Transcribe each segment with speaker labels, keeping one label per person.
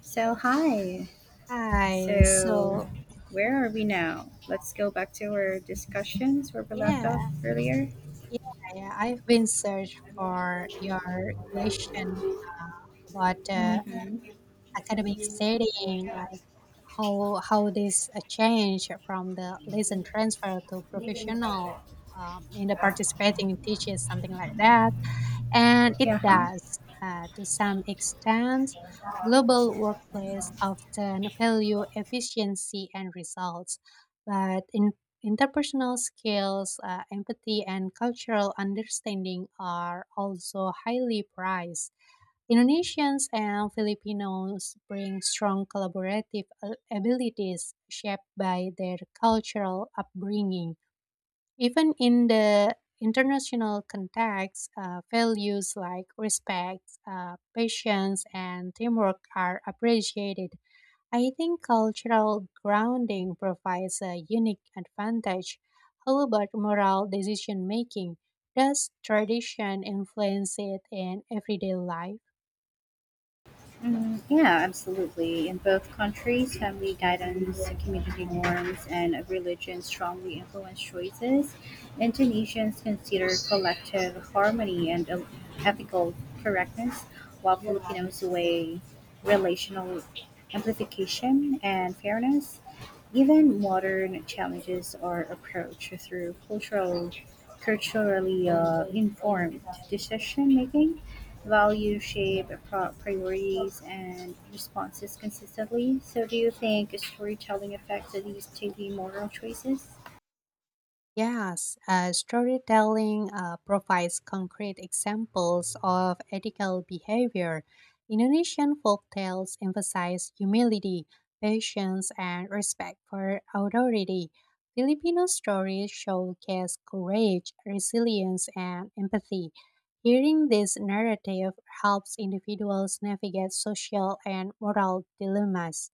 Speaker 1: So, hi.
Speaker 2: Hi.
Speaker 1: So, where are we now? Let's go back to our discussions where we left off
Speaker 2: Yeah,
Speaker 1: earlier.
Speaker 2: yeah, yeah. I've been search for your question uh, about
Speaker 1: Mm-hmm.
Speaker 2: academic setting, like how this change from the lesson transfer to professional in the participating teaches something like that. And it
Speaker 1: Yeah, huh?
Speaker 2: does, to some extent. Global workplace often value efficiency and results, but in interpersonal skills, empathy, and cultural understanding are also highly prized. Indonesians and Filipinos bring strong collaborative abilities shaped by their cultural upbringing even in the international context, values like respect, patience, and teamwork are appreciated. I think cultural grounding provides a unique advantage. How about moral decision making? Does tradition influence it in everyday life?
Speaker 1: Mm, yeah, absolutely. In both countries, family guidance, community norms, and religion strongly influence choices. Indonesians consider collective harmony and ethical correctness, while Filipinos weigh relational amplification and fairness. Even modern challenges are approached through culturally informed decision making values shape priorities and responses consistently. So, do you think storytelling affects these TV moral choices?
Speaker 2: Yes, storytelling provides concrete examples of ethical behavior. Indonesian folktales emphasize humility, patience, and respect for authority. Filipino stories showcase courage, resilience, and empathy. Hearing this narrative helps individuals navigate social and moral dilemmas.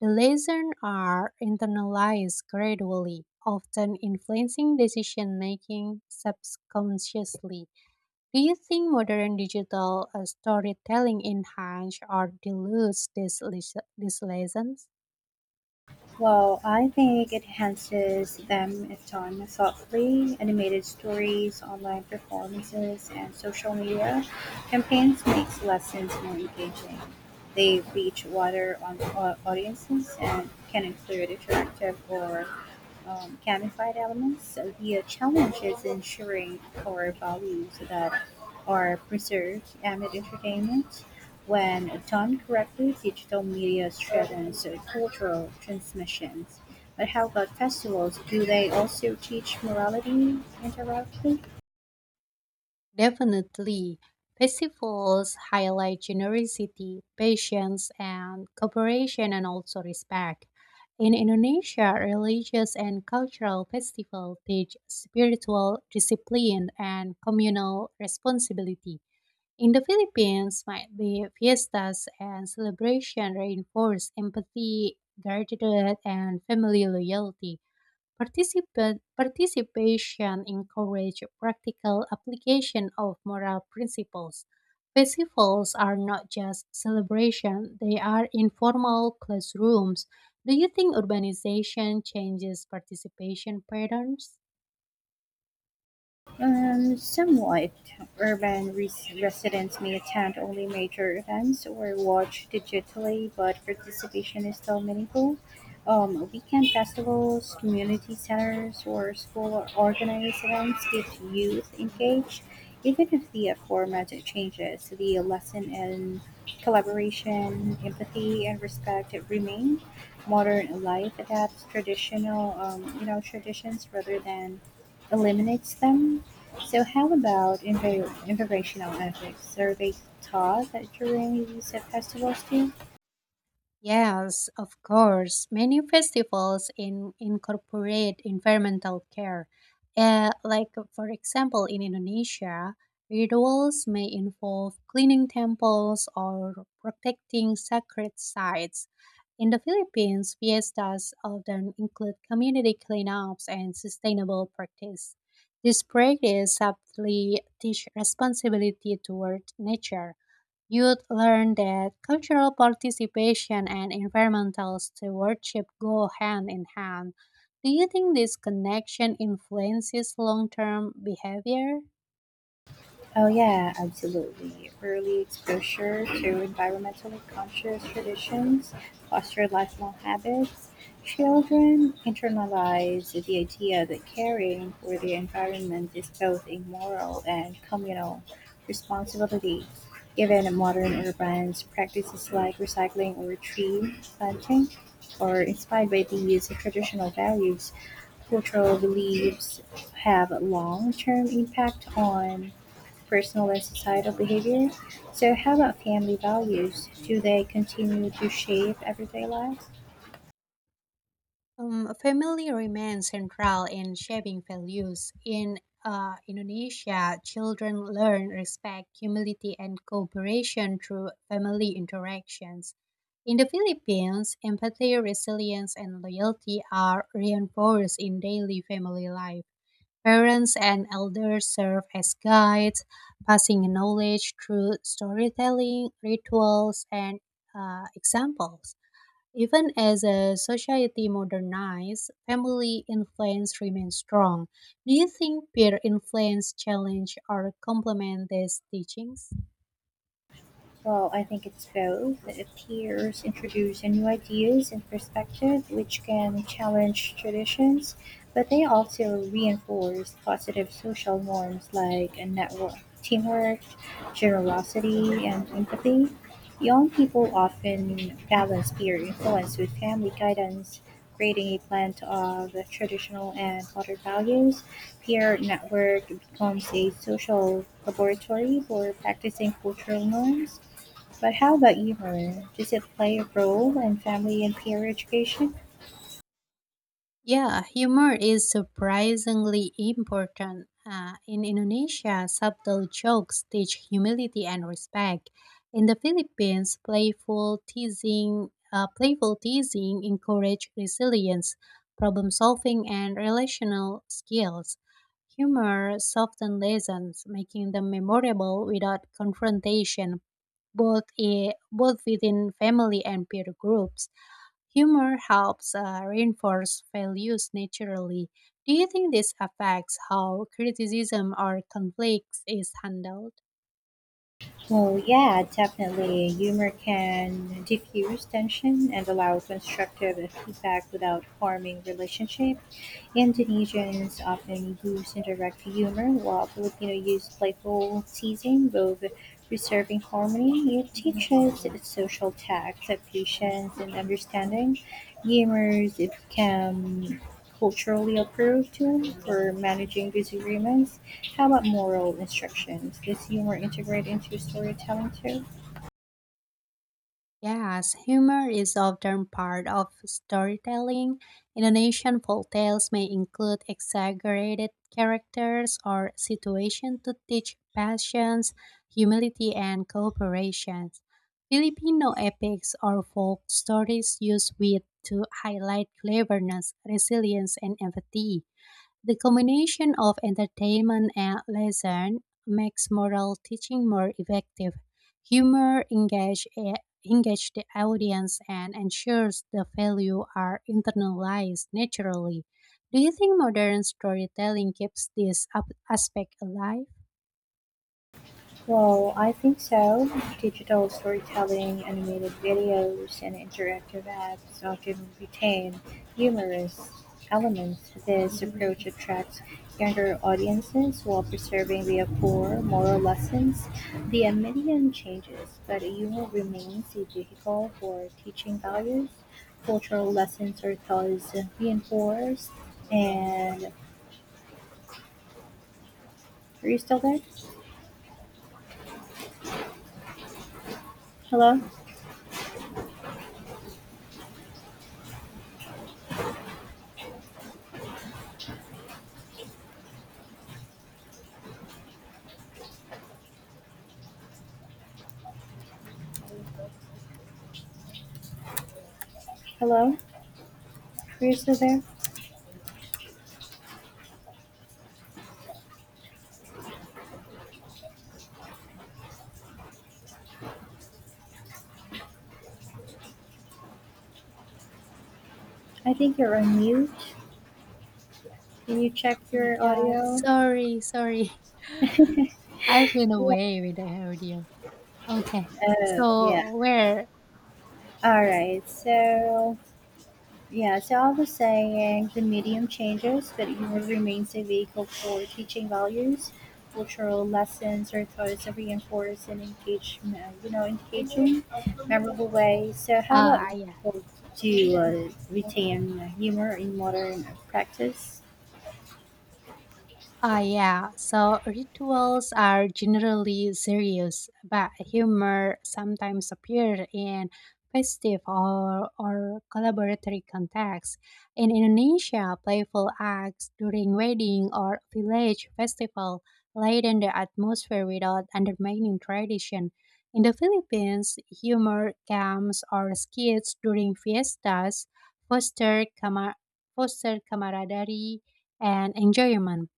Speaker 2: The lessons are internalized gradually, often influencing decision making subconsciously. Do you think modern digital storytelling enhances or dilutes these, these lessons?
Speaker 1: Well, I think it enhances them if done thoughtfully. Animated stories, online performances, and social media campaigns makes lessons more engaging. They reach audiences and can include interactive or gamified elements. So the challenge is ensuring core values that are preserved amid entertainment when done correctly, digital media strengthens cultural transmissions. But how about festivals? Do they also teach morality indirectly?
Speaker 2: Definitely. Festivals highlight generosity, patience, and cooperation, and also respect. In Indonesia, religious and cultural festivals teach spiritual discipline and communal responsibility. In the Philippines, might be fiestas and celebration reinforce empathy, gratitude, and family loyalty. Participation encourage practical application of moral principles. Festivals are not just celebration, they are informal classrooms. Do you think urbanization changes participation patterns?
Speaker 1: Somewhat. Residents may attend only major events or watch digitally, but participation is still meaningful. Weekend festivals, community centers, or school organized events keep youth engaged. Even if the format changes, the lesson in collaboration, empathy, and respect remain. Modern life adapts traditions rather than eliminates them. So how about interventional ethics? Are they taught at during these festivals too?
Speaker 2: Yes, of course. Many festivals in incorporate environmental care. Like, for example, in Indonesia, rituals may involve cleaning temples or protecting sacred sites. In the Philippines, fiestas often include community cleanups and sustainable practice. This practice subtly teach responsibility toward nature. You'd learn that cultural participation and environmental stewardship go hand in hand. Do you think this connection influences long term behavior?
Speaker 1: Oh, yeah, absolutely. Early exposure to environmentally conscious traditions foster lifelong habits. Children internalize the idea that caring for the environment is both a moral and communal responsibility. Given modern urban practices like recycling or tree planting, are inspired by these traditional values, cultural beliefs have long term impact on personal and societal behavior. So, how about family values? Do they continue to shape everyday lives?
Speaker 2: Family remains central in shaping values. In Indonesia, children learn respect, humility, and cooperation through family interactions. In the Philippines, empathy, resilience, and loyalty are reinforced in daily family life. Parents and elders serve as guides, passing knowledge through storytelling, rituals, and examples. Even as a society modernizes, family influence remains strong. Do you think peer influence challenge or complement these teachings?
Speaker 1: Well, I think it's both. Peers introduce new ideas and perspectives which can challenge traditions, but they also reinforce positive social norms like a network, teamwork, generosity, and empathy. Young people often balance peer influence with family guidance, creating a blend of traditional and modern values. Peer network becomes a social laboratory for practicing cultural norms. But how about humor? Does it play a role in family and peer education?
Speaker 2: Yeah, humor is surprisingly important. In Indonesia, subtle jokes teach humility and respect. In the Philippines, playful teasing encourage resilience, problem solving, and relational skills. Humor softens lessons, making them memorable without confrontation, both within family and peer groups. Humor helps reinforce values naturally. Do you think this affects how criticism or conflicts is handled?
Speaker 1: Well, yeah, definitely. Humor can diffuse tension and allow constructive feedback without harming relationship. Indonesians often use indirect humor, while Filipinos use playful teasing, both preserving harmony. It teaches social tact, patience, and understanding. Humors become culturally approved tool for managing disagreements. How about moral instructions? Does humor integrate into storytelling too?
Speaker 2: Yes, humor is often part of storytelling. Indonesian folktales may include exaggerated characters or situations to teach patience, humility, and cooperation. Filipino epics or folk stories use wit to highlight cleverness, resilience, and empathy. The combination of entertainment and leisure makes moral teaching more effective. Humor engage, eh, engage the audience and ensures the value are internalized naturally. Do you think modern storytelling keeps this aspect alive?
Speaker 1: Well, I think so. Digital storytelling, animated videos, and interactive apps often retain humorous elements. This approach attracts younger audiences while preserving the core moral lessons. The medium changes, but humor remains a vehicle for teaching values. Cultural lessons are thus reinforced. And are you still there? Hello? Hello? Are you still there? I think you're on mute. Can you check
Speaker 2: Oh my
Speaker 1: your
Speaker 2: God,
Speaker 1: audio?
Speaker 2: sorry, sorry. I've been away with the audio. Okay,
Speaker 1: Oh, yeah.
Speaker 2: so where?
Speaker 1: All right. So, yeah, so I was saying the medium changes, but humor remains a vehicle for teaching values, cultural lessons, or thoughts that reinforce and engage, engaging, memorable ways. So, how
Speaker 2: Ah,
Speaker 1: about
Speaker 2: yeah.
Speaker 1: people to retain humor in modern practice?
Speaker 2: Ah, yeah. So rituals are generally serious, but humor sometimes appears in festive or collaboratory contexts. In Indonesia, playful acts during wedding or village festival lighten the atmosphere without undermining tradition. In the Philippines, humor camps or skits during fiestas foster, camar- foster camaraderie and enjoyment.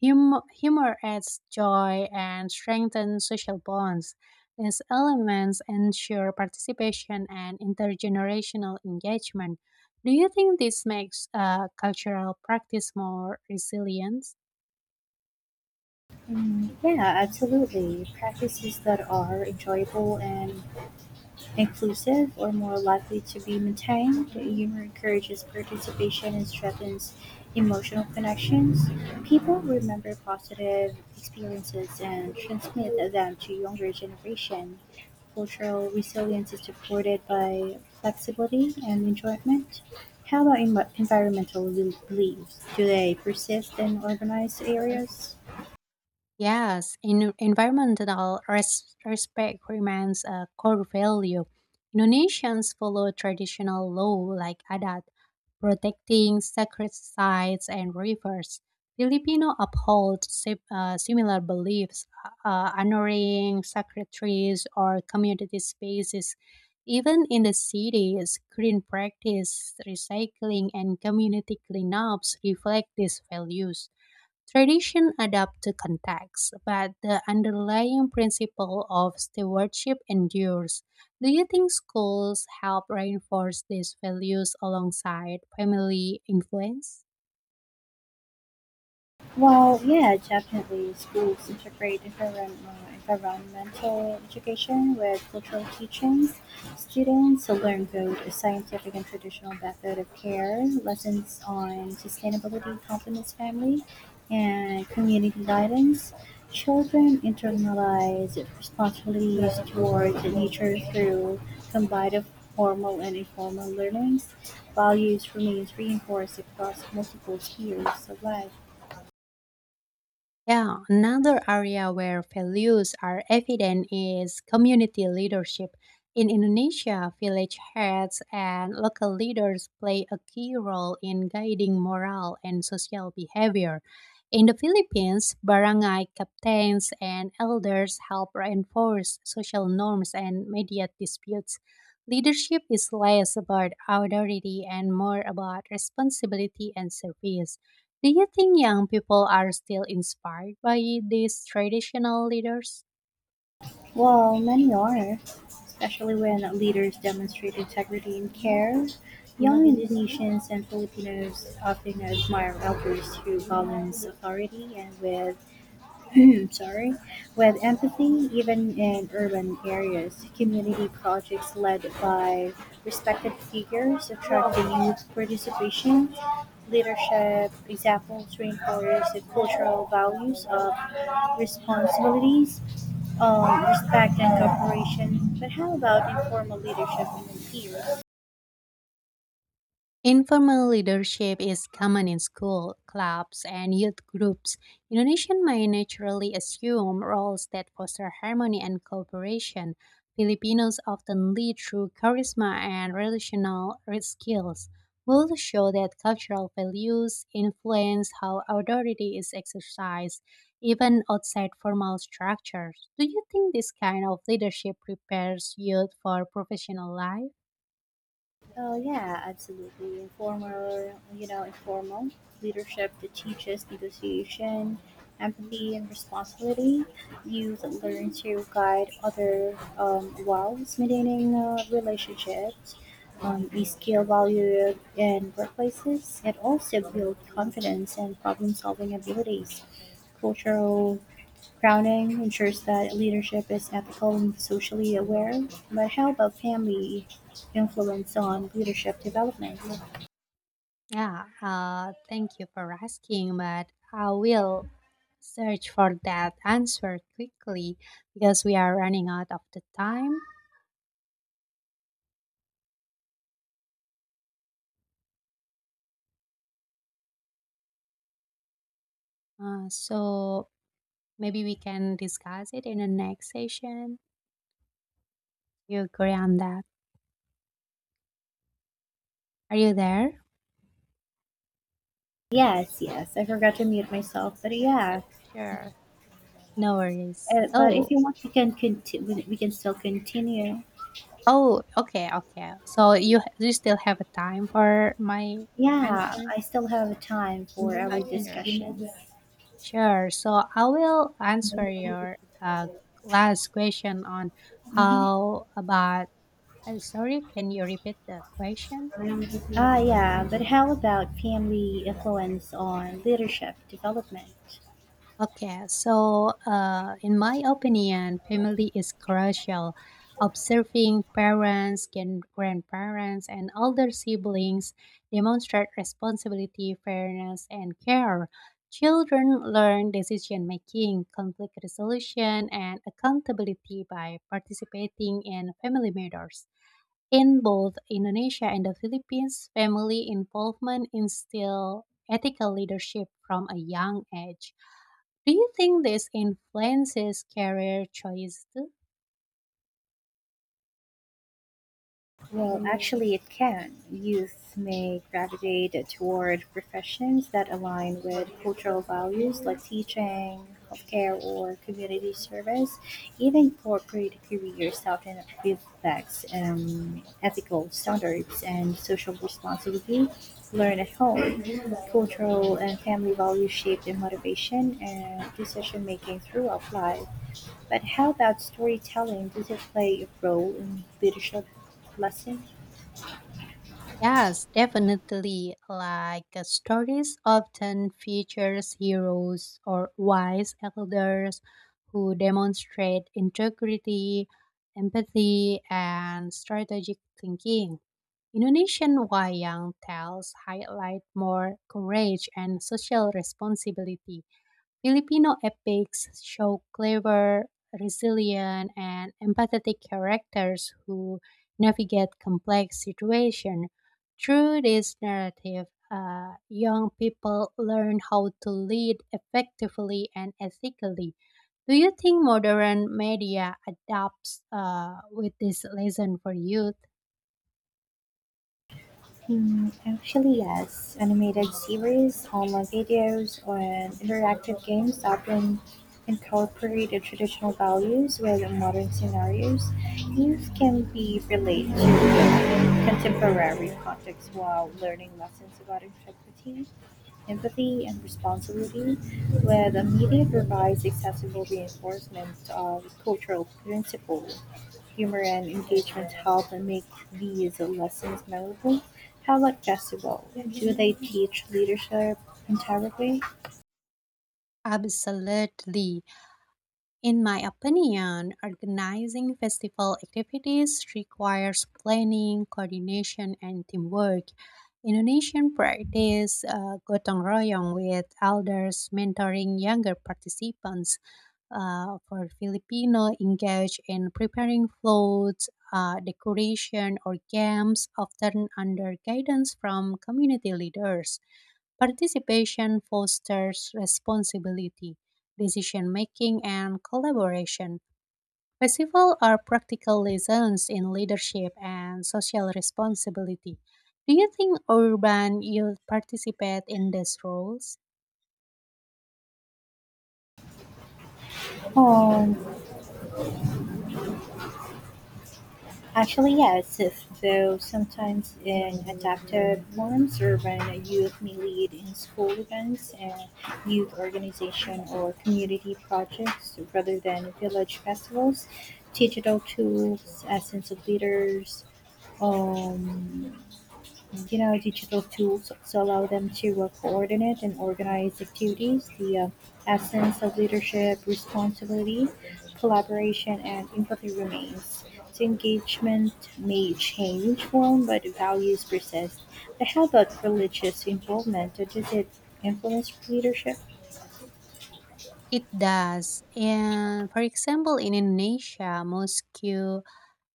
Speaker 2: Humor adds joy and strengthens social bonds. These elements ensure participation and intergenerational engagement. Do you think this makes cultural practice more resilient?
Speaker 1: Mm, yeah, absolutely. Practices that are enjoyable and inclusive, or more likely to be maintained. Humor encourages participation and strengthens emotional connections. People remember positive experiences and transmit them to younger generation. Cultural resilience is supported by flexibility and enjoyment. How about environmental beliefs? Do they persist in urbanized areas?
Speaker 2: Yes, in environmental respect remains a core value. Indonesians follow traditional law like adat, protecting sacred sites and rivers. Filipino uphold similar beliefs, honoring sacred trees or community spaces. Even in the cities, green practice, recycling, and community cleanups reflect these values. Tradition adapt to context, but the underlying principle of stewardship endures. Do you think schools help reinforce these values alongside family influence?
Speaker 1: Well, yeah, definitely. Schools integrate environmental education with cultural teachings. Students will learn both a scientific and traditional method of care. Lessons on sustainability complements family and community guidance. Children internalize responsibilities towards nature through combined of formal and informal learnings. Values remains reinforced across multiple spheres of life.
Speaker 2: Yeah, another area where values are evident is community leadership. In Indonesia, village heads and local leaders play a key role in guiding moral and social behavior. In the Philippines, barangay captains and elders help reinforce social norms and mediate disputes. Leadership is less about authority and more about responsibility and service. Do you think young people are still inspired by these traditional leaders?
Speaker 1: While many are, especially when leaders demonstrate integrity and care, young Indonesians and Filipinos often admire elders who balance authority and with sorry, with empathy even in urban areas. Community projects led by respected figures attracting youth participation. Leadership examples reinforce the cultural values of responsibilities, respect, and cooperation. But how about informal leadership in the fields?
Speaker 2: Informal leadership is common in school, clubs, and youth groups. Indonesians may naturally assume roles that foster harmony and cooperation. Filipinos often lead through charisma and relational skills. Both show that cultural values influence how authority is exercised, even outside formal structures. Do you think this kind of leadership prepares youth for professional life?
Speaker 1: Oh yeah, absolutely. Informal leadership that teaches negotiation, empathy, and responsibility. You learn to guide other while maintaining relationships. You scale value in workplaces. It also builds confidence and problem-solving abilities. Cultural Crowning ensures that leadership is ethical and socially aware, but how about family influence on leadership development?
Speaker 2: Yeah, thank you for asking, but I will search for that answer quickly because we are running out of the time. So maybe we can discuss it in the next session. You agree on that? Are you there?
Speaker 1: Yes, yes, I forgot to mute myself, but yeah.
Speaker 2: Sure. No worries.
Speaker 1: But if
Speaker 2: So,
Speaker 1: you want, we can continue. We can still continue.
Speaker 2: oh, okay, okay. So you still have a time for my
Speaker 1: Yeah,
Speaker 2: answer?
Speaker 1: I still have time for
Speaker 2: Oh,
Speaker 1: our
Speaker 2: sure.
Speaker 1: discussions.
Speaker 2: Sure. So I will answer your last question on
Speaker 1: Hmm.
Speaker 2: how about. Sorry, can you repeat the question?
Speaker 1: Ah, yeah, but how about family influence on leadership development?
Speaker 2: Okay, so in my opinion, family is crucial. Observing parents, grandparents, and older siblings demonstrate responsibility, fairness, and care. Children learn decision making, conflict resolution, and accountability by participating in family matters. In both Indonesia and the Philippines, family involvement instills ethical leadership from a young age. Do you think this influences career choice too?
Speaker 1: Well, actually, it can. Youth may gravitate toward professions that align with cultural values like teaching, healthcare, or community service. Even corporate careers often reflects ethical standards and social responsibility. Learn at home. Cultural and family values shape their motivation and decision making throughout life. But how about storytelling? Does it play a role in leadership lessons?
Speaker 2: Yes, definitely. Like stories often features heroes or wise elders who demonstrate integrity, empathy, and strategic thinking. Indonesian wayang tales highlight more courage and social responsibility. Filipino epics show clever, resilient, and empathetic characters who navigate complex situations. Through this narrative, young people learn how to lead effectively and ethically. Do you think modern media adapts with this lesson for youth?
Speaker 1: Hmm, actually, yes. Animated series, online videos, and interactive games often incorporate the traditional values with modern scenarios. Youth can be related to contemporary contexts while learning lessons about integrity, empathy, and responsibility, where the media provides accessible reinforcement of cultural principles. Humor and engagement help and make these lessons memorable. How about Jezebel? Do they teach leadership entirely?
Speaker 2: Absolutely. In my opinion, organizing festival activities requires planning, coordination, and teamwork. Indonesian practice gotong royong with elders mentoring younger participants. For Filipino, engage in preparing floats, decoration, or games, often under guidance from community leaders. Participation fosters responsibility, decision making, and collaboration. Festivals are practical lessons in leadership and social responsibility. Do you think urban youth participate in these roles?
Speaker 1: Um, actually, yes, though sometimes in adapted forms or when youth may lead in school events and youth organization or community projects rather than village festivals, digital tools, essence of leaders, um, you know, digital tools also allow them to coordinate and organize activities. The essence of leadership, responsibility, collaboration, and empathy remains. So engagement may change form, but values persist. But how about religious involvement? Does it influence leadership?
Speaker 2: It does. And for example, in Indonesia, mosque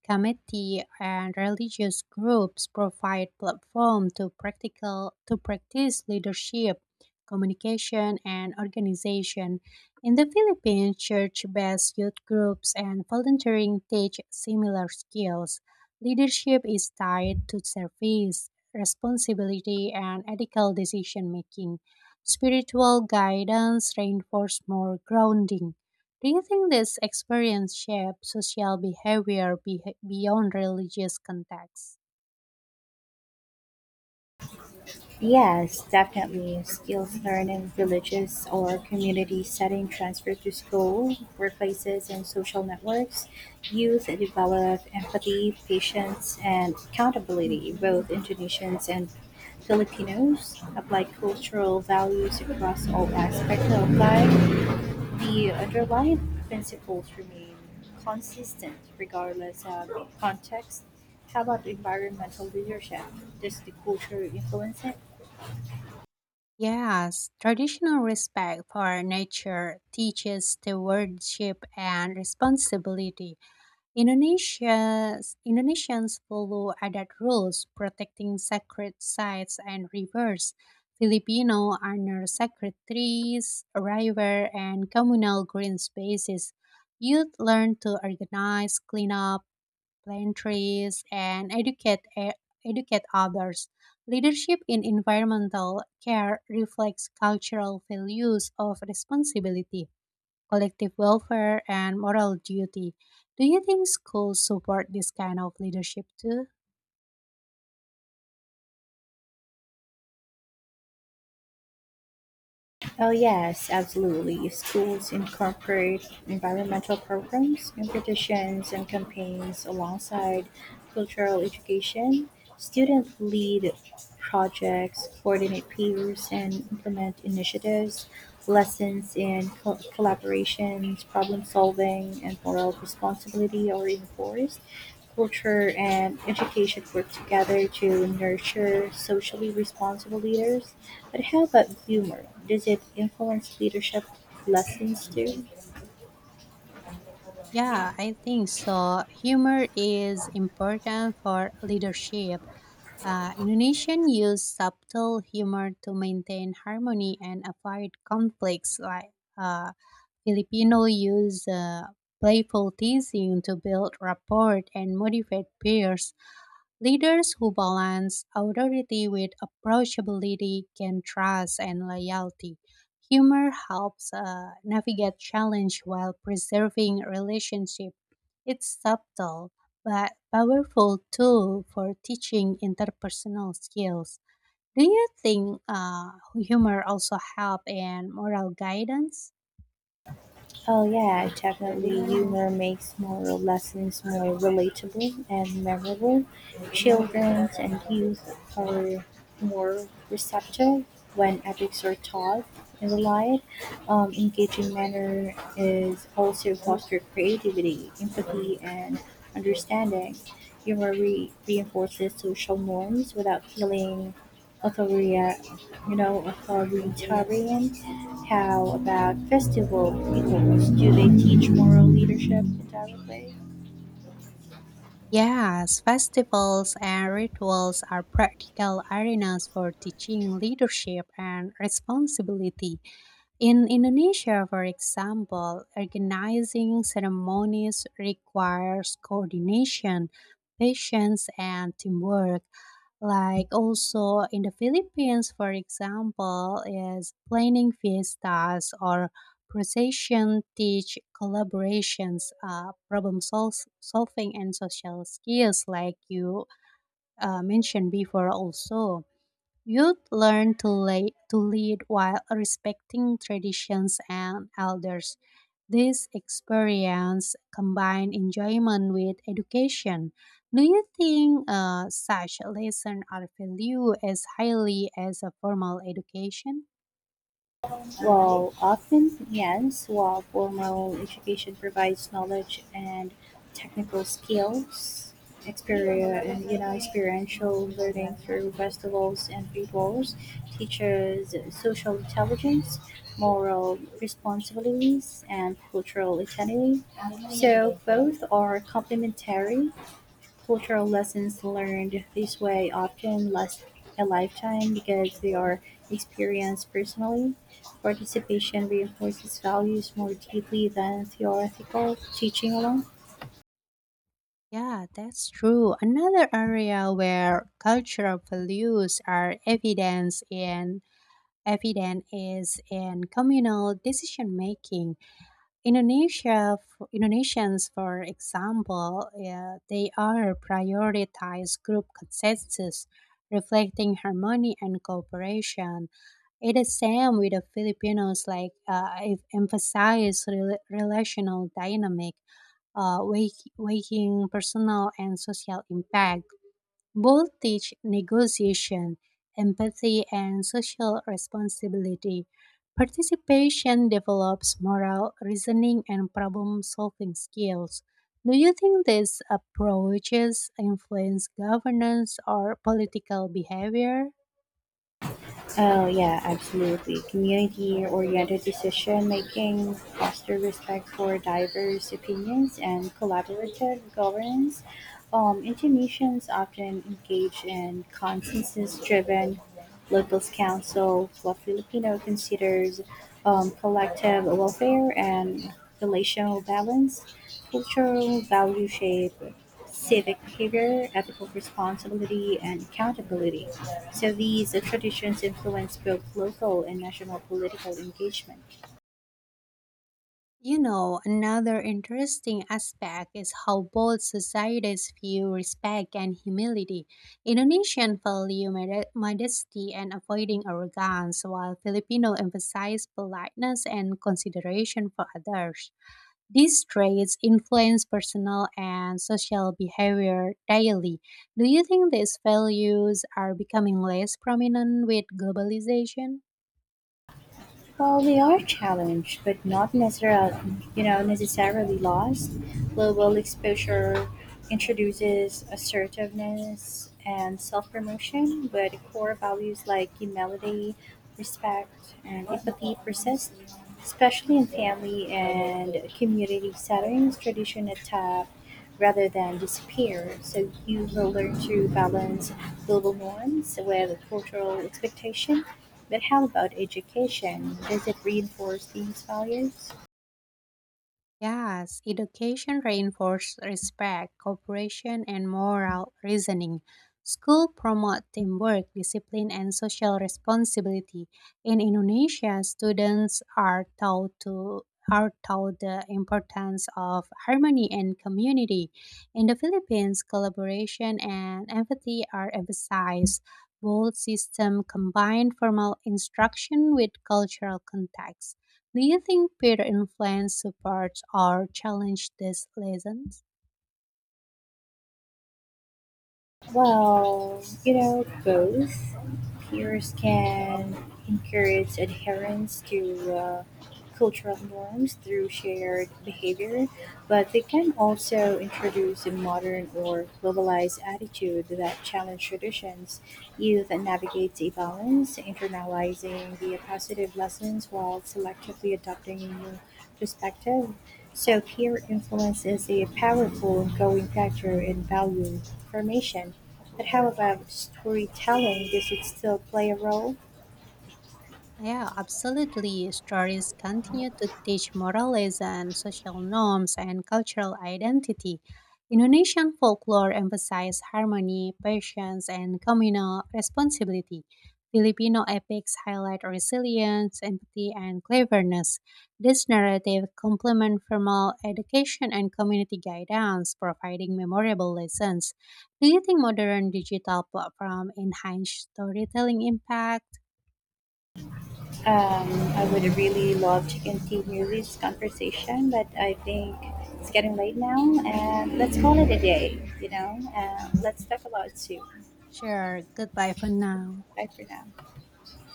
Speaker 2: committee and religious groups provide platform to practical to practice leadership, communication and organization. In the Philippines, church-based youth groups and volunteering teach similar skills. Leadership is tied to service, responsibility and ethical decision making. Spiritual guidance reinforces more grounding. Do you think this experience shapes social behavior beyond religious contexts?
Speaker 1: Yes, definitely. Skills learned in villages or community setting transfer to school, workplaces, and social networks. Youth develop empathy, patience, and accountability, both Indonesians and Filipinos. Apply cultural values across all aspects of life. The underlying principles remain consistent regardless of context. How about environmental leadership? Does the culture influence it?
Speaker 2: Yes, traditional respect for nature teaches stewardship and responsibility. Indonesians follow adat rules protecting sacred sites and rivers. Filipino honor sacred trees, river, and communal green spaces. Youth learn to organize, clean up, plant trees, and educate others. Leadership in environmental care reflects cultural values of responsibility, collective welfare, and moral duty. Do you think schools support this kind of leadership too?
Speaker 1: Oh, yes, absolutely. Schools incorporate environmental programs, competitions, and campaigns alongside cultural education. Students lead projects, coordinate peers, and implement initiatives. Lessons in collaborations, problem solving, and moral responsibility are reinforced culture, and education work together to nurture socially responsible leaders. But how about humor? Does it influence leadership lessons too?
Speaker 2: Yeah, I think so. Humor is important for leadership. Indonesian use subtle humor to maintain harmony and avoid conflicts. Like uh, Filipino use playful teasing to build rapport and motivate peers. Leaders who balance authority with approachability gain trust and loyalty. Humor helps navigate challenge while preserving relationship. It's subtle but powerful tool for teaching interpersonal skills. Do you think humor also help in moral guidance?
Speaker 1: Oh yeah, definitely. Humor makes moral lessons more relatable and memorable. Children and youth are more receptive when ethics are taught and relied. Engaging manner is also foster creativity, empathy, and understanding. Reinforces social norms without feeling authoria- authoritarian? How about festival peoples? Do they teach moral leadership in direct way?
Speaker 2: Yes, festivals and rituals are practical arenas for teaching leadership and responsibility. In Indonesia, for example, organizing ceremonies requires coordination, patience, and teamwork. Like also in the Philippines, for example, is planning fiestas or procession teach collaborations, solving, and social skills, like you mentioned before, also. Youth learn to lead while respecting traditions and elders. This experience combines enjoyment with education. Do you think such lessons are valued as highly as a formal education?
Speaker 1: While often, yes, while formal education provides knowledge and technical skills, experiential learning through festivals and rituals teaches social intelligence, moral responsibilities, and cultural identity. So both are complementary cultural lessons learned this way often last a lifetime because they are experienced personally. Participation reinforces values more deeply than theoretical teaching alone.
Speaker 2: Yeah, that's true. Another area where cultural values are evidence in evident is in communal decision making. Indonesians, for example, yeah, they are prioritized group consensus, reflecting harmony and cooperation. It is same with the Filipinos, like it emphasize relational dynamic, waking personal and social impact both teach negotiation, empathy, and social responsibility. Participation develops moral reasoning and problem solving skills. Do you think these approaches influence governance or political behavior?
Speaker 1: Oh, yeah, absolutely. Community oriented decision making, foster respect for diverse opinions, and collaborative governance. Indonesians often engage in consensus driven locals council, while Filipino considers collective welfare and relational balance, cultural value shape, civic behavior, ethical responsibility, and accountability. So these traditions influence both local and national political engagement.
Speaker 2: You know, another interesting aspect is how both societies view respect and humility. Indonesian value modesty and avoiding arrogance, while Filipino emphasize politeness and consideration for others. These traits influence personal and social behavior daily. Do you think these values are becoming less prominent with globalization?
Speaker 1: Well, we are challenged, but not necessarily, you know, necessarily lost. Global exposure introduces assertiveness and self-promotion, but core values like humility, respect, and empathy persist, especially in family and community settings. Tradition adapt rather than disappear, so you will learn to balance global norms with cultural expectation but how about education, does it reinforce these values?
Speaker 2: Yes, education reinforces respect, cooperation, and moral reasoning. School promote teamwork, discipline, and social responsibility. In Indonesia, students are taught the importance of harmony and community. In the Philippines, collaboration and empathy are emphasized. Both systems combine formal instruction with cultural context. Do you think peer influence supports or challenges these lessons?
Speaker 1: Both peers can encourage adherence to cultural norms through shared behavior, but they can also introduce a modern or globalized attitude that challenge traditions. Youth navigates a balance, internalizing the positive lessons while selectively adopting a new perspective. So peer influence is a powerful going factor in value formation. But how about storytelling? Does it still play a role?
Speaker 2: Yeah, absolutely. Stories continue to teach morals and social norms and cultural identity. Indonesian folklore emphasizes harmony, patience, and communal responsibility. Filipino epics highlight resilience, empathy, and cleverness. This narrative complements formal education and community guidance, providing memorable lessons. Do you think modern digital platform enhance storytelling impact?
Speaker 1: Um, I would really love to continue this conversation, but I think it's getting late now, and let's call it a day. Let's talk about it soon.
Speaker 2: Sure. Goodbye for now.
Speaker 1: Bye for now.